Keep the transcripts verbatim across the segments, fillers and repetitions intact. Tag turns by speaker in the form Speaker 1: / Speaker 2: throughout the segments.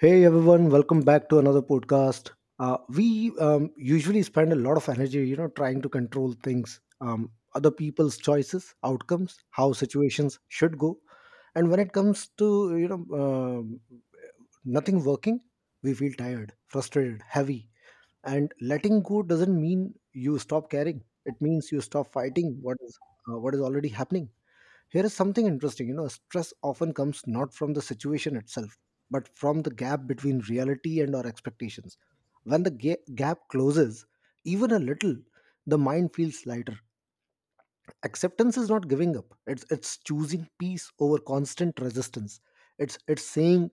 Speaker 1: Hey everyone, welcome back to another podcast. Uh, we um, usually spend a lot of energy, you know, trying to control things, um, other people's choices, outcomes, how situations should go, and when it comes to you know um nothing working, we feel tired, frustrated, heavy, and letting go doesn't mean you stop caring. It means you stop fighting what is uh, what is already happening. Here is something interesting, you know, stress often comes not from the situation itself, but from the gap between reality and our expectations. When the ga- gap closes, even a little, the mind feels lighter. Acceptance is not giving up, it's, it's choosing peace over constant resistance. It's, it's saying,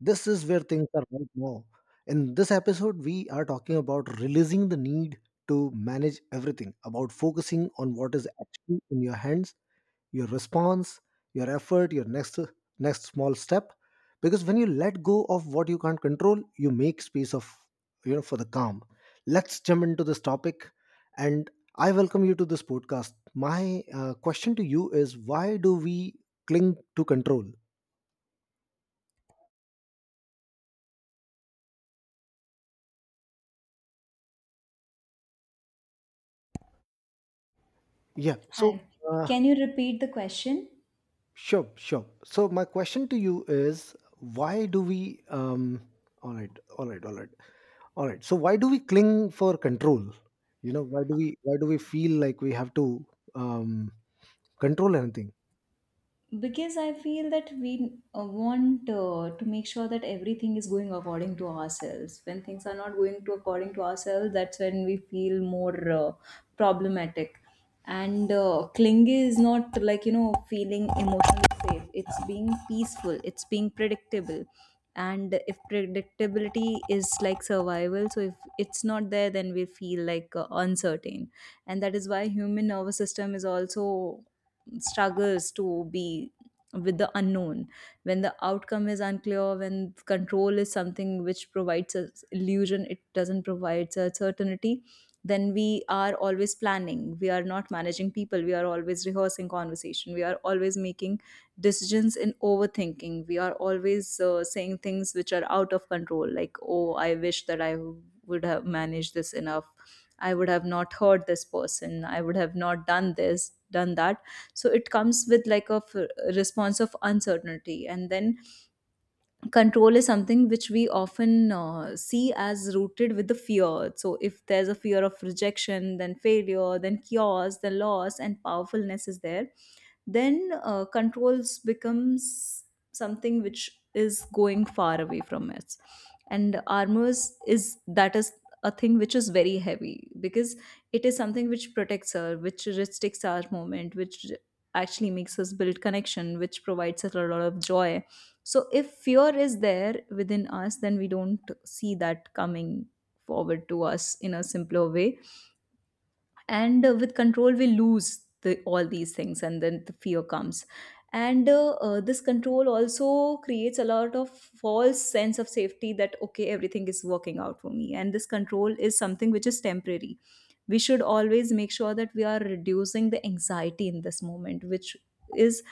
Speaker 1: this is where things are right now. In this episode, we are talking about releasing the need to manage everything, about focusing on what is actually in your hands, your response, your effort, your next next small step. Because when you let go of what you can't control, you make space of you know for the calm. Let's jump into this topic, and I welcome you to this podcast. My uh, question to you is: why do we cling to control? Yeah. So,
Speaker 2: Hi.
Speaker 1: uh,
Speaker 2: Can you repeat the question?
Speaker 1: sure, sure. So, my question to you is why do we, um, all right, all right, all right. All right. So why do we cling for control? You know, why do we why do we feel like we have to um, control anything?
Speaker 2: Because I feel that we uh, want uh, to make sure that everything is going according to ourselves. When things are not going to according to ourselves, that's when we feel more uh, problematic. And uh, clingy is not, like, you know feeling emotionally safe. It's being peaceful, it's being predictable. And if predictability is like survival, so if it's not there, then we feel like uh, uncertain. And that is why human nervous system is also struggles to be with the unknown. When the outcome is unclear, when control is something which provides us illusion, it doesn't provide us certainty. Then we are always planning, we are not managing people, we are always rehearsing conversation, we are always making decisions in overthinking, we are always uh, saying things which are out of control, like, oh, I wish that I would have managed this enough. I would have not hurt this person, I would have not done this, done that. So it comes with, like, a f- response of uncertainty. And then control is something which we often uh, see as rooted with the fear. So if there's a fear of rejection, then failure, then chaos, then loss and powerfulness is there, then uh, controls becomes something which is going far away from us. And armors is that is a thing which is very heavy, because it is something which protects her, which restricts our movement, which actually makes us build connection, which provides us a lot of joy. So if fear is there within us, then we don't see that coming forward to us in a simpler way. And uh, with control we lose the, all these things, and then the fear comes. And uh, uh, this control also creates a lot of false sense of safety, that okay, everything is working out for me, and this control is something which is temporary. We should always make sure that we are reducing the anxiety in this moment, which is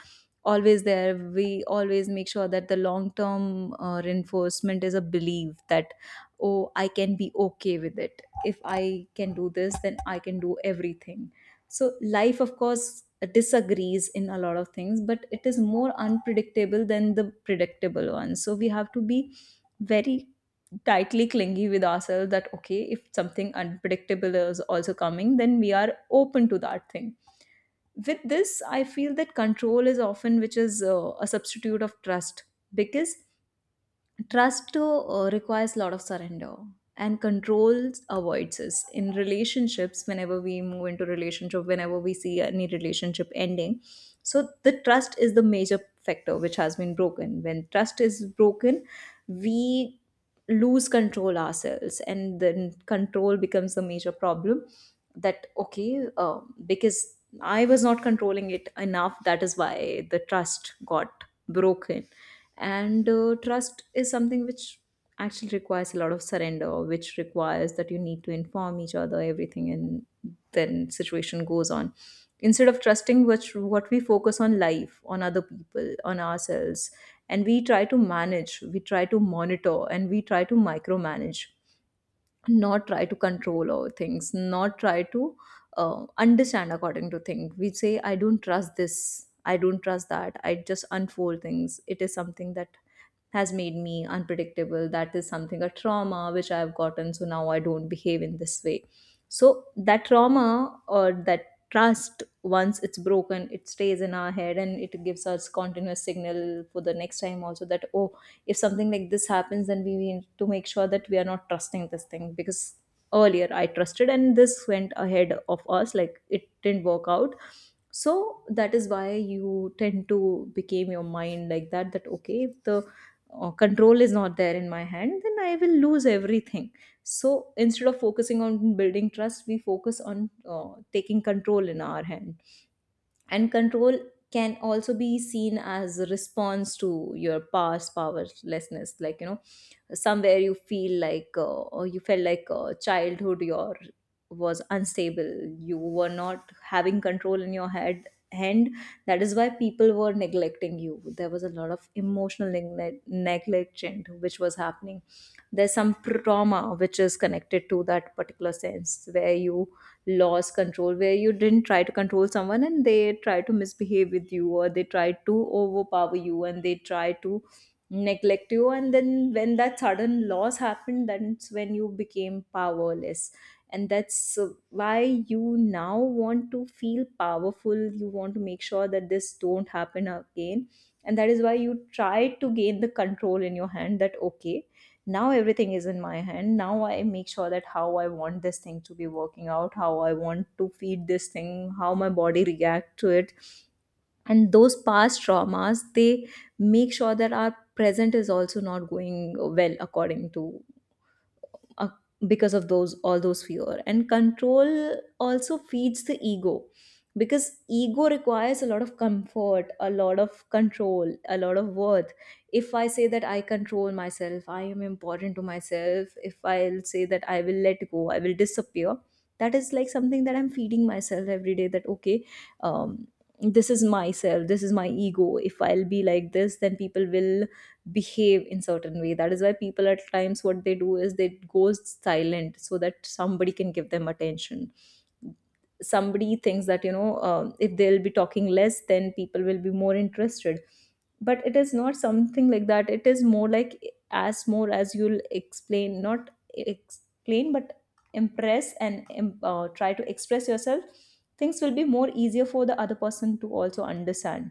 Speaker 2: always there. We always make sure that the long term uh, reinforcement is a belief that, oh, I can be okay with it. If I can do this, then I can do everything. So, life, of course, disagrees in a lot of things, but it is more unpredictable than the predictable one. So, we have to be very tightly clingy with ourselves that, okay, if something unpredictable is also coming, then we are open to that thing. With this, I feel that control is often which is uh, a substitute of trust, because trust uh, requires a lot of surrender. And controls avoids us in relationships. Whenever we move into relationship, whenever we see any relationship ending, so the trust is the major factor which has been broken. When trust is broken, we lose control ourselves, and then control becomes the major problem. That okay uh, because I was not controlling it enough, that is why the trust got broken. And uh, trust is something which actually requires a lot of surrender, which requires that you need to inform each other everything, and then situation goes on. Instead of trusting which what we focus on life, on other people, on ourselves, and we try to manage, we try to monitor and we try to micromanage. Not try to control our things, not try to uh, understand according to things. We say, I don't trust this, I don't trust that, I just unfold things. It is something that has made me unpredictable. That is something, a trauma which I've gotten. So now I don't behave in this way. So that trauma or that trust, once it's broken, it stays in our head and it gives us continuous signal for the next time also that, oh, if something like this happens, then we need to make sure that we are not trusting this thing, because earlier I trusted and this went ahead of us, like it didn't work out. So that is why you tend to became your mind like that, that okay, if the or control is not there in my hand, then I will lose everything. So instead of focusing on building trust, we focus on uh, taking control in our hand. And control can also be seen as a response to your past powerlessness, like, you know somewhere you feel like uh, or you felt like uh, childhood your was unstable. You were not having control in your head, hand. That is why people were neglecting you, there was a lot of emotional neglect negligent which was happening. There's some trauma which is connected to that particular sense where you laws control, where you didn't try to control someone and they try to misbehave with you, or they try to overpower you and they try to neglect you, and then when that sudden loss happened, that's when you became powerless. And that's uh, why you now want to feel powerful. You want to make sure that this don't happen again. And that is why you try to gain the control in your hand, that okay, now everything is in my hand, now I make sure that how I want this thing to be working out, how I want to feed this thing, how my body react to it. And those past traumas, they make sure that our present is also not going well according to uh, because of those all those fear. And control also feeds the ego, because ego requires a lot of comfort, a lot of control, a lot of worth. If I say that I control myself, I am important to myself. If I'll say that I will let go, I will disappear. That is like something that I'm feeding myself every day, that okay, um, this is myself, this is my ego. If I'll be like this, then people will behave in certain way. That is why people at times what they do is they go silent, so that somebody can give them attention. Somebody thinks that, you know uh, if they'll be talking less, then people will be more interested. But it is not something like that, it is more like, as more as you'll explain, not explain but impress and um, uh, try to express yourself, things will be more easier for the other person to also understand.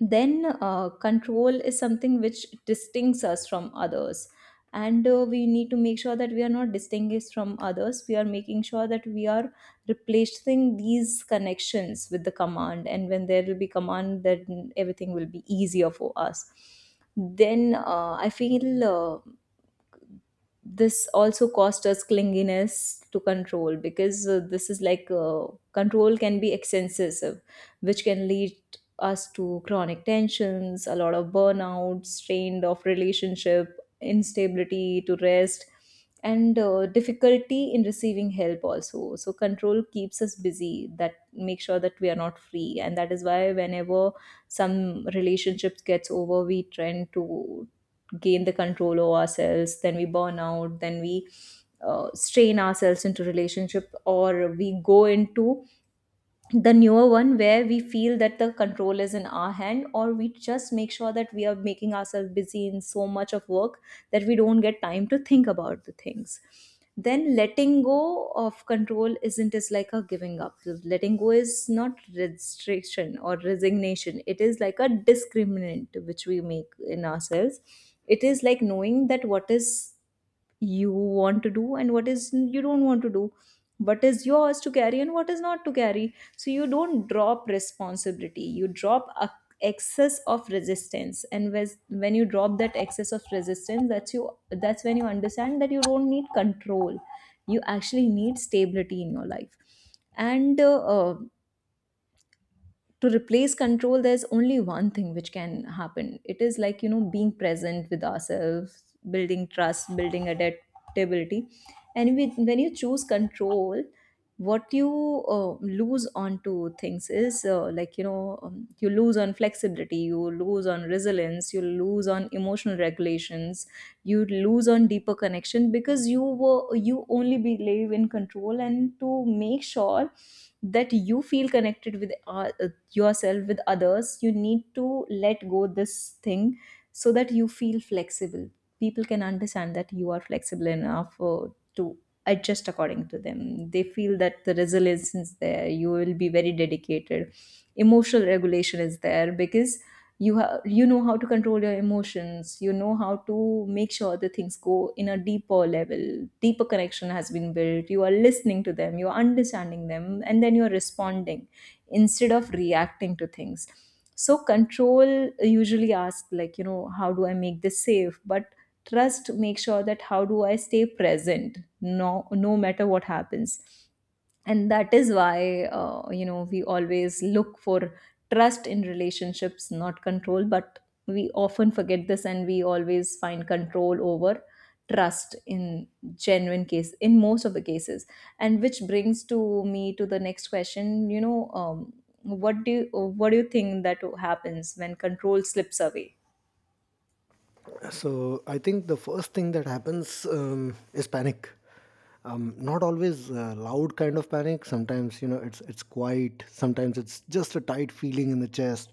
Speaker 2: Then uh, control is something which distincts us from others. And uh, we need to make sure that we are not distinguished from others, we are making sure that we are replacing these connections with the command, and when there will be command, then everything will be easier for us. Then uh, I feel uh, this also cost us clinginess to control, because uh, this is like uh, control can be excessive, which can lead us to chronic tensions, a lot of burnout, strain of relationship, instability to rest, and uh, difficulty in receiving help also. So control keeps us busy, that make sure that we are not free, and that is why whenever some relationships gets over, we tend to gain the control over ourselves, then we burn out, then we uh, strain ourselves into relationship, or we go into the newer one where we feel that the control is in our hand, or we just make sure that we are making ourselves busy in so much of work, that we don't get time to think about the things. Then letting go of control isn't as like a giving up. Letting go is not restriction or resignation, it is like a discriminant which we make in ourselves. It is like knowing that what is you want to do and what is you don't want to do, what is yours to carry and what is not to carry. So you don't drop responsibility, you drop a excess of resistance, and whes- when you drop that excess of resistance, that's you that's when you understand that you don't need control. You actually need stability in your life. And uh, uh, to replace control, there's only one thing which can happen, it is, like, you know being present with ourselves, building trust, building adaptability. And with, when you choose control, what you uh, lose on to things is uh, like, you know um, you lose on flexibility, you lose on resilience, you lose on emotional regulations. You lose on deeper connection, because you were you only believe in control, and to make sure that you feel connected with uh, yourself, with others, you need to let go this thing. So that you feel flexible, people can understand that you are flexible enough uh, to adjust according to them, they feel that the resilience is there, you will be very dedicated. Emotional regulation is there because you have, you know how to control your emotions, you know how to make sure the things go in a deeper level. Deeper connection has been built, you are listening to them, you are understanding them And then you are responding instead of reacting to things. So control usually asks, like, you know, how do I make this safe, but trust makes sure that how do I stay present, no no matter what happens. And that is why uh, you know, we always look for trust in relationships, not control, but we often forget this and we always find control over trust in genuine case, in most of the cases. And which brings to me to the next question, you know, um, what do you, what do you think that happens when control slips away?
Speaker 1: So I think the first thing that happens um, is panic. Um, not always uh, loud kind of panic, sometimes, you know, it's it's quiet, sometimes it's just a tight feeling in the chest,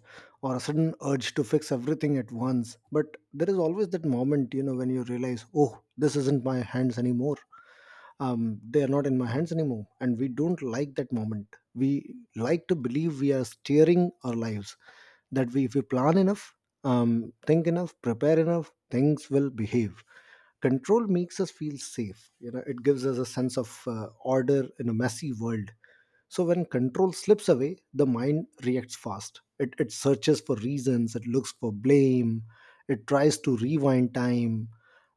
Speaker 1: or a sudden urge to fix everything at once, but there is always that moment, you know, when you realize, oh, this isn't my hands anymore. Um, they are not in my hands anymore, and we don't like that moment. We like to believe we are steering our lives, that we if we plan enough, um, think enough, prepare enough, things will behave. Control makes us feel safe. You know, it gives us a sense of uh, order in a messy world. So when control slips away, the mind reacts fast. It, it searches for reasons, it looks for blame, it tries to rewind time.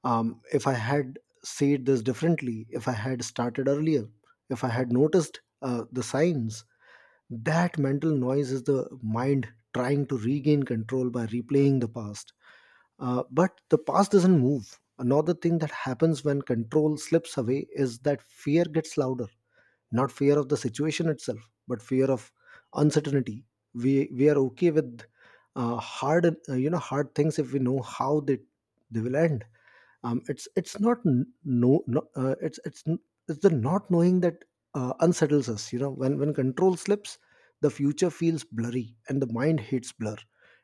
Speaker 1: Um, if I had said this differently, if I had started earlier, if I had noticed uh, the signs, that mental noise is the mind trying to regain control by replaying the past. Uh, but the past doesn't move. Another thing that happens when control slips away is that fear gets louder, not fear of the situation itself, but fear of uncertainty. We we are okay with uh, hard uh, you know, hard things if we know how they they will end. Um, it's it's not n- no, no uh, it's it's n- It's the not knowing that uh, unsettles us, you know, when when control slips, the future feels blurry, and the mind hates blur.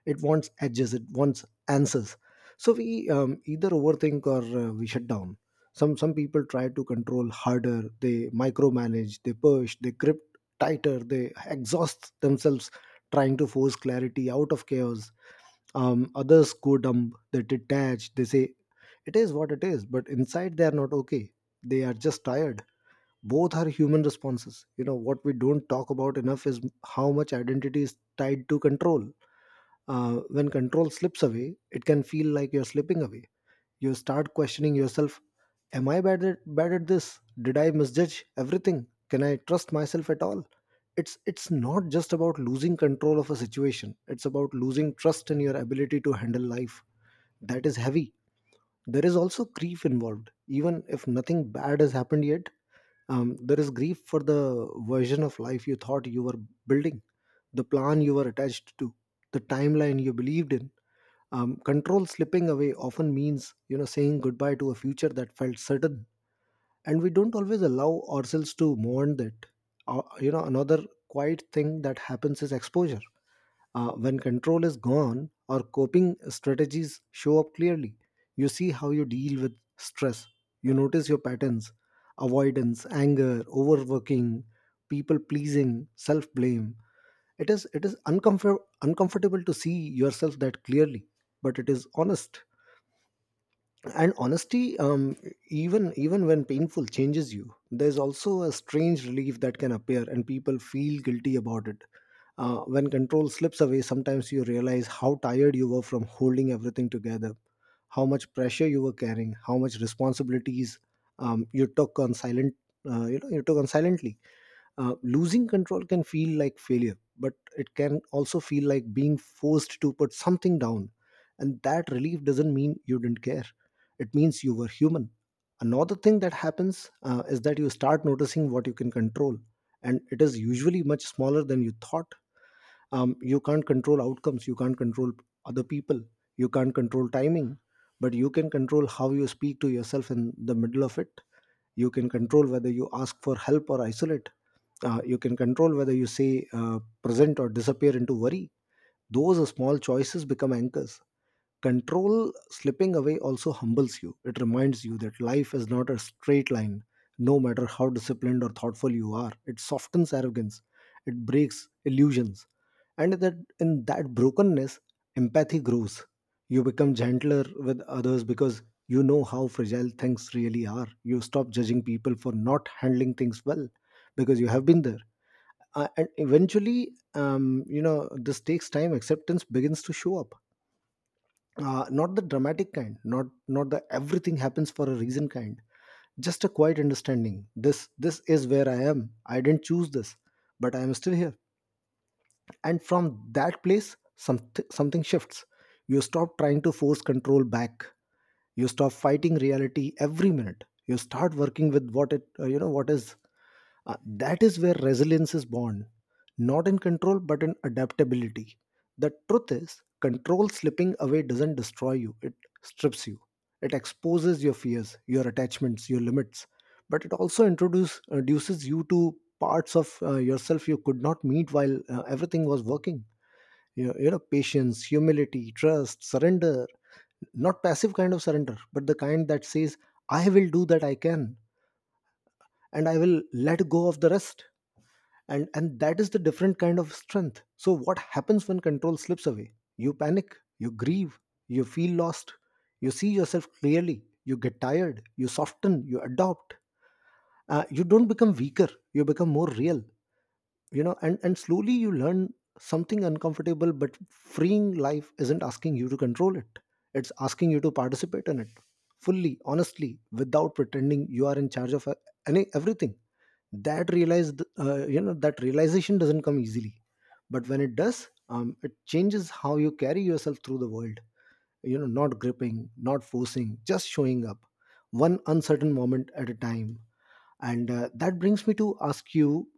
Speaker 1: It wants edges, it wants answers. So we um, either overthink, or uh, we shut down. Some some people try to control harder, they micromanage, they push, they grip tighter, they exhaust themselves trying to force clarity out of chaos. Um, others go dumb, they detach, they say it is what it is, but inside they are not okay, they are just tired. Both are human responses. You know, what we don't talk about enough is how much identity is tied to control. Uh, when control slips away, it can feel like you're slipping away. You start questioning yourself. Am I bad at, bad at this? Did I misjudge everything? Can I trust myself at all? It's, it's not just about losing control of a situation, it's about losing trust in your ability to handle life. That is heavy. There is also grief involved. Even if nothing bad has happened yet, um, there is grief for the version of life you thought you were building, the plan you were attached to, the timeline you believed in. Um, control slipping away often means, you know, saying goodbye to a future that felt certain, and we don't always allow ourselves to mourn that. Uh, you know, another quiet thing that happens is exposure. Uh, when control is gone, our coping strategies show up clearly. You see how you deal with stress. You notice your patterns, avoidance, anger, overworking, people pleasing, self blame. It is it is uncomfort- uncomfortable to see yourself that clearly, but it is honest, and honesty, um, even even when painful, changes you. There's also a strange relief that can appear, and people feel guilty about it. Uh, when control slips away, sometimes you realize how tired you were from holding everything together, how much pressure you were carrying, how much responsibilities, um, you took on silent uh, you know, you took on silently. Uh, losing control can feel like failure, but it can also feel like being forced to put something down. And that relief doesn't mean you didn't care, it means you were human. Another thing that happens uh, is that you start noticing what you can control, and it is usually much smaller than you thought. Um, you can't control outcomes, you can't control other people, you can't control timing, but you can control how you speak to yourself in the middle of it. You can control whether you ask for help or isolate. Uh, you can control whether you say uh, present or disappear into worry. Those small choices become anchors. Control slipping away also humbles you. It reminds you that life is not a straight line, no matter how disciplined or thoughtful you are. It softens arrogance, it breaks illusions. And that In that brokenness, empathy grows. You become gentler with others because you know how fragile things really are. You stop judging people for not handling things well because you have been there. Uh, and eventually, um, you know, this takes time. Acceptance begins to show up, uh, not the dramatic kind, not not the everything happens for a reason kind, just a quiet understanding. This this is where I am, I didn't choose this, but I am still here. And from that place, something something shifts. You stop trying to force control back, you stop fighting reality every minute, you start working with what it uh, you know what is. Uh, that is where resilience is born, not in control but in adaptability. The truth is, control slipping away doesn't destroy you, it strips you. It exposes your fears, your attachments, your limits, but it also introduce, reduces you to parts of uh, yourself you could not meet while uh, everything was working. You know, you know, patience, humility, trust, surrender. Not passive kind of surrender, but the kind that says, I will do that I can, and I will let go of the rest. And and that is the different kind of strength. So what happens when control slips away? You panic, you grieve, you feel lost, you see yourself clearly, you get tired, you soften, you adopt. Uh, you don't become weaker, you become more real, you know. And and slowly you learn something uncomfortable but freeing. Life isn't asking you to control it, it's asking you to participate in it fully, honestly, without pretending you are in charge of uh, any everything. That realized uh, you know That realization doesn't come easily, but when it does, um, it changes how you carry yourself through the world, you know, not gripping, not forcing, just showing up, one uncertain moment at a time. And uh, that brings me to ask you,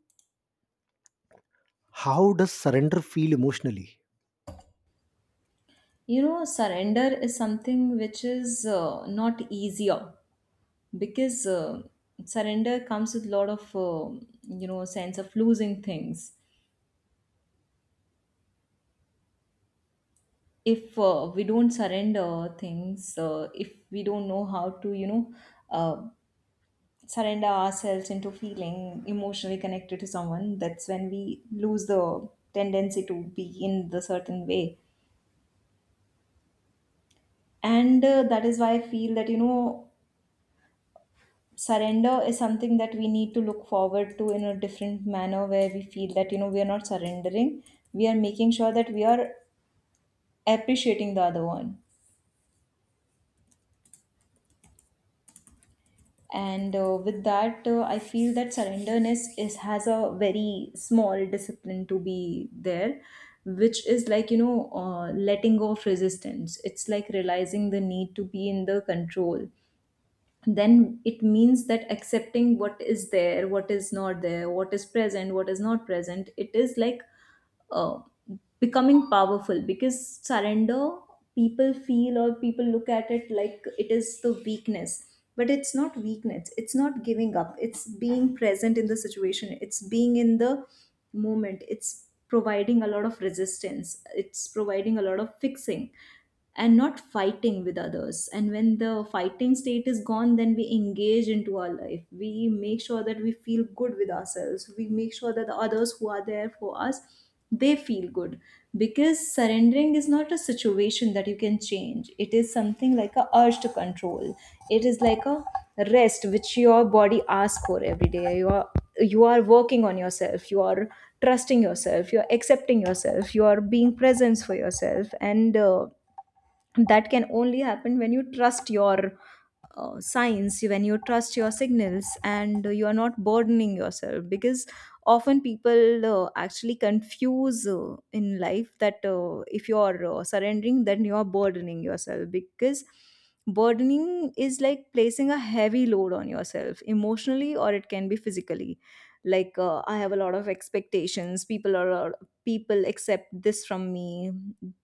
Speaker 1: how does surrender feel emotionally?
Speaker 2: You know, surrender is something which is uh, not easier, because uh, surrender comes with a lot of uh, you know, sense of losing things. If uh, we don't surrender things, uh, if we don't know how to, you know, uh, surrender ourselves into feeling emotionally connected to someone, that's when we lose the tendency to be in the certain way. And uh, that is why I feel that, you know, surrender is something that we need to look forward to in a different manner, where we feel that, you know, we are not surrendering, we are making sure that we are appreciating the other one. And uh, with that, uh, I feel that surrenderness is has a very small discipline to be there, which is like, you know, uh, letting go of resistance. It's like realizing the need to be in the control, then it means that accepting what is there, what is not there, what is present, what is not present. It is like uh, becoming powerful, because surrender, people feel or people look at it like it is the weakness, but it's not weakness, it's not giving up, it's being present in the situation, it's being in the moment, it's providing a lot of resistance, it's providing a lot of fixing, and not fighting with others. And when the fighting state is gone, then we engage into our life, we make sure that we feel good with ourselves, we make sure that the others who are there for us, they feel good. Because surrendering is not a situation that you can change, it is something like a urge to control. It is like a rest which your body asks for every day. You are you are working on yourself, you are trusting yourself, you are accepting yourself, you are being presence for yourself. And uh, that can only happen when you trust your uh, signs, when you trust your signals and you are not burdening yourself. Because often people uh, actually confuse uh, in life that uh, if you are uh, surrendering, then you are burdening yourself. Because burdening is like placing a heavy load on yourself emotionally, or it can be physically, like uh, I have a lot of expectations, people are people accept this from me.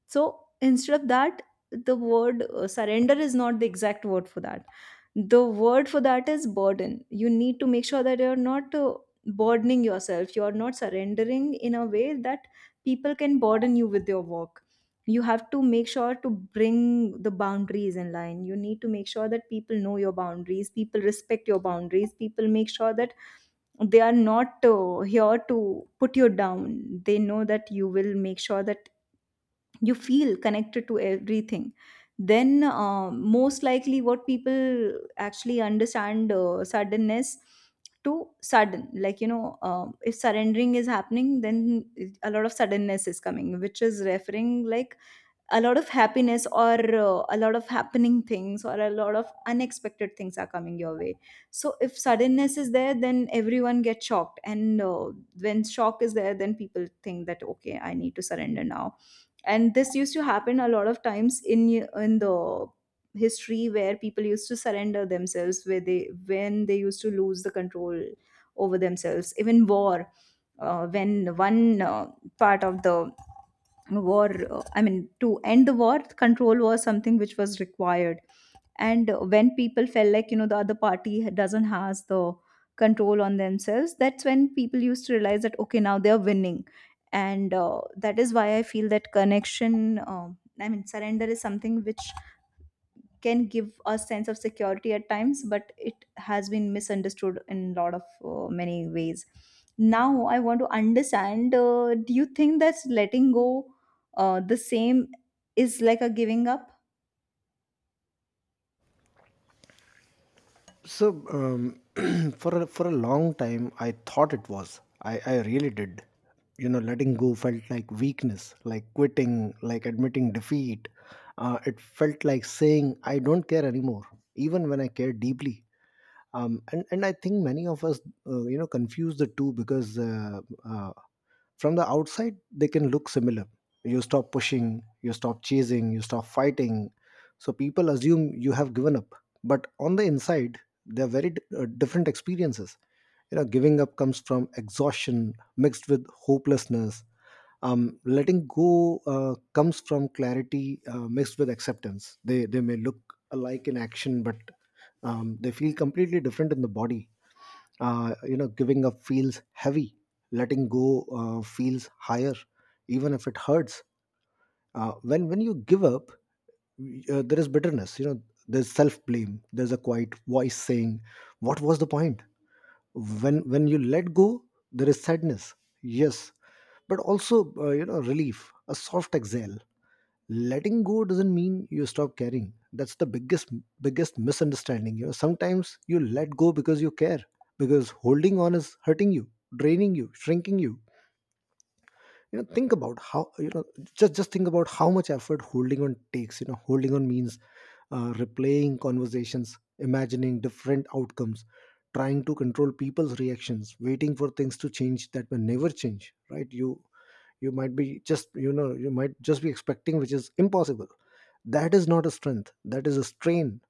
Speaker 2: So instead of that, the word uh, surrender is not the exact word for that. The word for that is burden. You need to make sure that you're not uh, burdening yourself, you're not surrendering in a way that people can burden you with your work. You have to make sure to bring the boundaries in line, you need to make sure that people know your boundaries, people respect your boundaries, people make sure that they are not uh, here to put you down, they know that you will make sure that you feel connected to everything. Then uh, most likely what people actually understand, uh, suddenness, to sudden, like, you know, uh, if surrendering is happening, then a lot of suddenness is coming, which is referring like a lot of happiness or uh, a lot of happening things, or a lot of unexpected things are coming your way. So if suddenness is there, then everyone gets shocked. And uh, when shock is there, then people think that, okay, I need to surrender now. And this used to happen a lot of times in in the history, where people used to surrender themselves, where they when they used to lose the control over themselves. Even war, uh, when one uh, part of the war, uh, I mean, to end the war, control was something which was required. And uh, when people felt like, you know, the other party doesn't has the control on themselves, that's when people used to realize that, okay, now they're winning. And uh, that is why I feel that connection, um, I mean, surrender is something which can give a sense of security at times, but it has been misunderstood in a lot of uh, many ways. Now I want to understand, uh, do you think that letting go uh, the same is like a giving up?
Speaker 1: So, um, for a, for a long time, I thought it was. I, I really did. You know, letting go felt like weakness, like quitting, like admitting defeat. Uh, it felt like saying, I don't care anymore, even when I care deeply. Um, and, and I think many of us, uh, you know, confuse the two because uh, uh, from the outside they can look similar. You stop pushing, you stop chasing, you stop fighting, so people assume you have given up. But on the inside, they're very d- uh, different experiences. You know, giving up comes from exhaustion mixed with hopelessness. Um, letting go uh, comes from clarity uh, mixed with acceptance. They they may look alike in action, but um, they feel completely different in the body. Uh, you know, giving up feels heavy. Letting go uh, feels higher, even if it hurts. Uh, when when you give up, uh, there is bitterness, you know. There's self blame, there's a quiet voice saying, what was the point? When when you let go, there is sadness, yes, but also, uh, you know relief, a soft exhale. Letting go doesn't mean you stop caring. That's the biggest biggest misunderstanding. You know, sometimes you let go because you care, because holding on is hurting you, draining you, shrinking you. You know think about how you know just just think about how much effort holding on takes. You know, holding on means uh, replaying conversations, imagining different outcomes, trying to control people's reactions, waiting for things to change that will never change. Right? You you might be just, you know you might just be expecting, which is impossible. That is not a strength, that is a strain.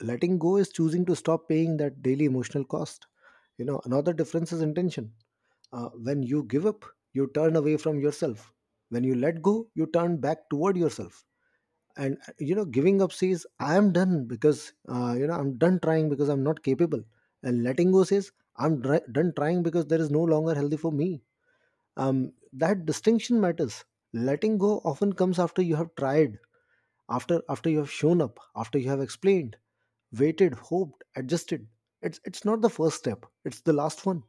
Speaker 1: Letting go is choosing to stop paying that daily emotional cost. You know, another difference is intention. Uh, when you give up, you turn away from yourself. When you let go, you turn back toward yourself. And uh, you know, giving up says, "I am done because uh, you know I'm done trying because I'm not capable." And letting go says, "I'm dri- done trying because there is no longer healthy for me." Um, that distinction matters. Letting go often comes after you have tried, after after you have shown up, after you have explained, waited, hoped, adjusted. It's it's not the first step; it's the last one.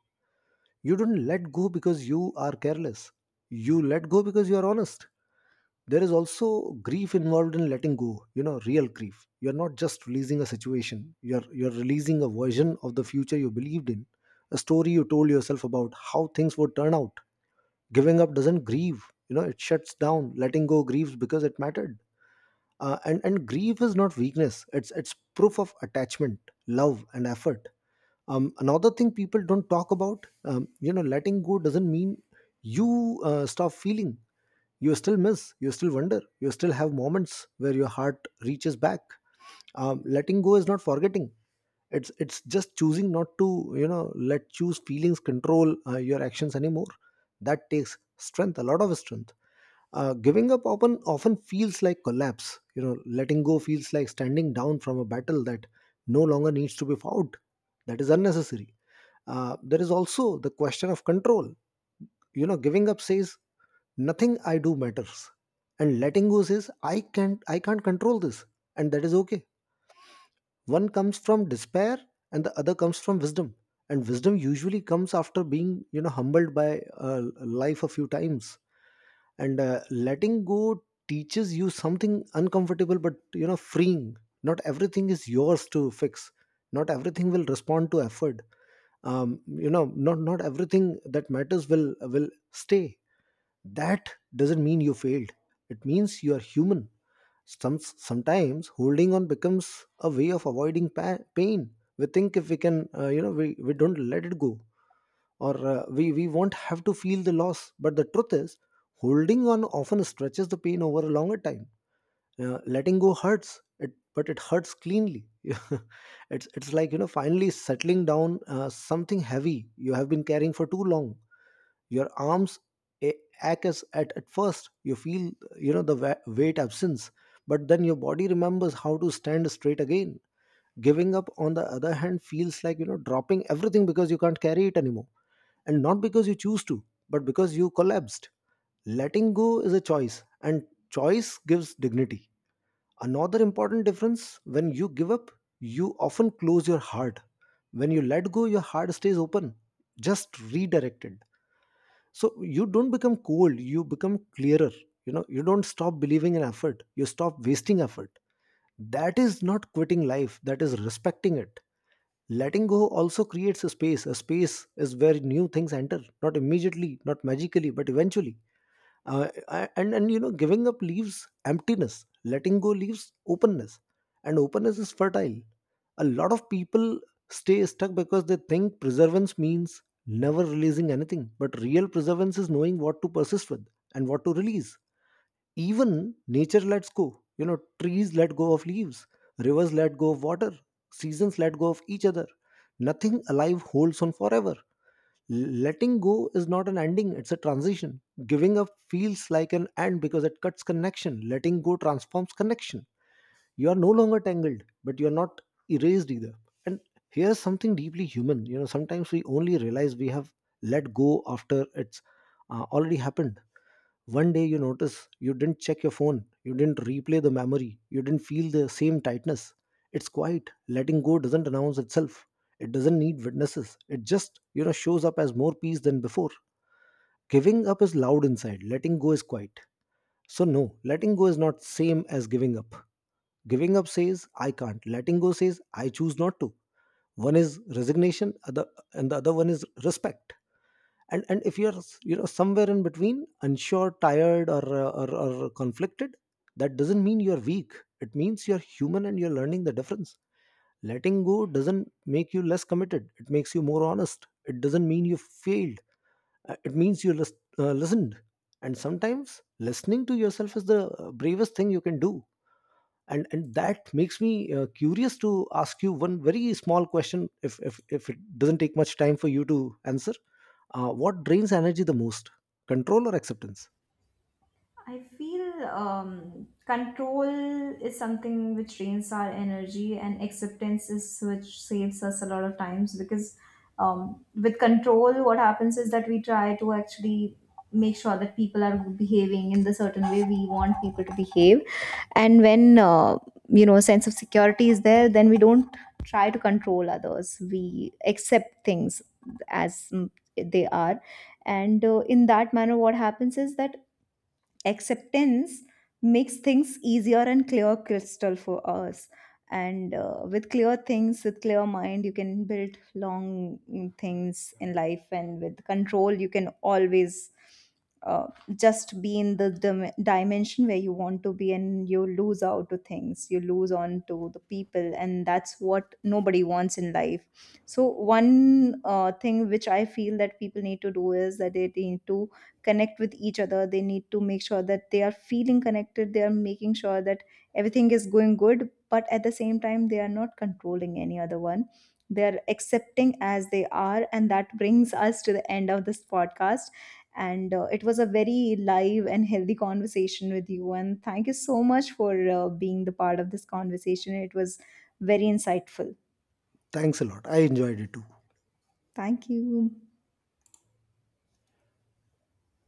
Speaker 1: You don't let go because you are careless. You let go because you are honest. There is also grief involved in letting go, you know, real grief. You're not just releasing a situation, you're, you're releasing a version of the future you believed in, a story you told yourself about how things would turn out. Giving up doesn't grieve, you know, it shuts down. Letting go grieves because it mattered. Uh, and, and grief is not weakness, it's, it's proof of attachment, love, and effort. Um, another thing people don't talk about: um, you know, letting go doesn't mean you uh, stop feeling. You still miss, you still wonder, you still have moments where your heart reaches back. Um, letting go is not forgetting. It's it's just choosing not to, you know, let choose feelings control uh, your actions anymore. That takes strength, a lot of strength. Uh, giving up often often feels like collapse. You know, letting go feels like standing down from a battle that no longer needs to be fought. That is unnecessary. Uh, there is also the question of control. You know, giving up says, nothing I do matters, and letting go says, I can't I can't control this, and that is okay. One comes from despair, and the other comes from wisdom. And wisdom usually comes after being, you know humbled by uh, life a few times. And uh, Letting go teaches you something uncomfortable but, you know, freeing. Not everything is yours to fix, not everything will respond to effort. Um, you know not not everything that matters will will stay. That doesn't mean you failed, it means you are human. Some sometimes holding on becomes a way of avoiding pa- pain. We think if we can, uh, you know we, we don't let it go, or uh, we we won't have to feel the loss. But the truth is, holding on often stretches the pain over a longer time. Uh, letting go hurts it, but it hurts cleanly. it's it's like, you know, finally settling down uh, something heavy you have been carrying for too long. Your arms a- ache as at, at first. You feel, you know, the wa- weight absence, but then your body remembers how to stand straight again. Giving up, on the other hand, feels like, you know, dropping everything because you can't carry it anymore, and not because you choose to, but because you collapsed. Letting go is a choice, and choice gives dignity. Another important difference: when you give up, you often close your heart. When you let go, your heart stays open, just redirected. So you don't become cold, you become clearer. You know, you don't stop believing in effort, you stop wasting effort. That is not quitting life, that is respecting it. Letting go also creates a space, a space is where new things enter, not immediately, not magically, but eventually. Uh, I- and and you know, giving up leaves emptiness, letting go leaves openness, and openness is fertile. A lot of people stay stuck because they think preservance means never releasing anything, but real preservance is knowing what to persist with and what to release. Even nature lets go. You know, trees let go of leaves, rivers let go of water, seasons let go of each other. Nothing alive holds on forever. Letting go is not an ending, it's a transition. Giving up feels like an end because it cuts connection. Letting go transforms connection. You are no longer tangled, but you are not erased either. And here's something deeply human. You know, sometimes we only realize we have let go after it's uh, already happened. One day you notice you didn't check your phone, you didn't replay the memory, you didn't feel the same tightness. It's quiet. Letting go doesn't announce itself. It doesn't need witnesses. It just, you know, shows up as more peace than before. Giving up is loud inside. Letting go is quiet. So no, letting go is not same as giving up. Giving up says, I can't. Letting go says, I choose not to. One is resignation, other and the other one is respect. And and if you're, you know, somewhere in between, unsure, tired, or, uh, or or conflicted, that doesn't mean you're weak. It means you're human and you're learning the difference. Letting go doesn't make you less committed, it makes you more honest. It doesn't mean you failed. Uh, it means you lis- uh, listened. And sometimes, listening to yourself is the uh, bravest thing you can do. And and that makes me uh, curious to ask you one very small question, if if if it doesn't take much time for you to answer. Uh, what drains energy the most? Control or acceptance?
Speaker 2: I feel um, control is something which drains our energy, and acceptance is which saves us a lot of times. Because um, with control, what happens is that we try to actually make sure that people are behaving in the certain way we want people to behave. And when uh, you know, sense of security is there, then we don't try to control others. We accept things as mm, they are. And uh, in that manner, what happens is that acceptance makes things easier and clear crystal for us. And uh, with clear things, with clear mind, you can build long mm, things in life. And with control, you can always uh, just be in the dim- dimension where you want to be, and you lose out to things, you lose on to the people, and that's what nobody wants in life. So one uh, thing which I feel that people need to do is that they need to connect with each other, they need to make sure that they are feeling connected, they are making sure that everything is going good, but at the same time they are not controlling any other one, they are accepting as they are. And that brings us to the end of this podcast. And uh, it was a very live and healthy conversation with you, and thank you so much for uh, being the part of this conversation. It was very insightful.
Speaker 1: Thanks a lot. I enjoyed it too.
Speaker 2: Thank you.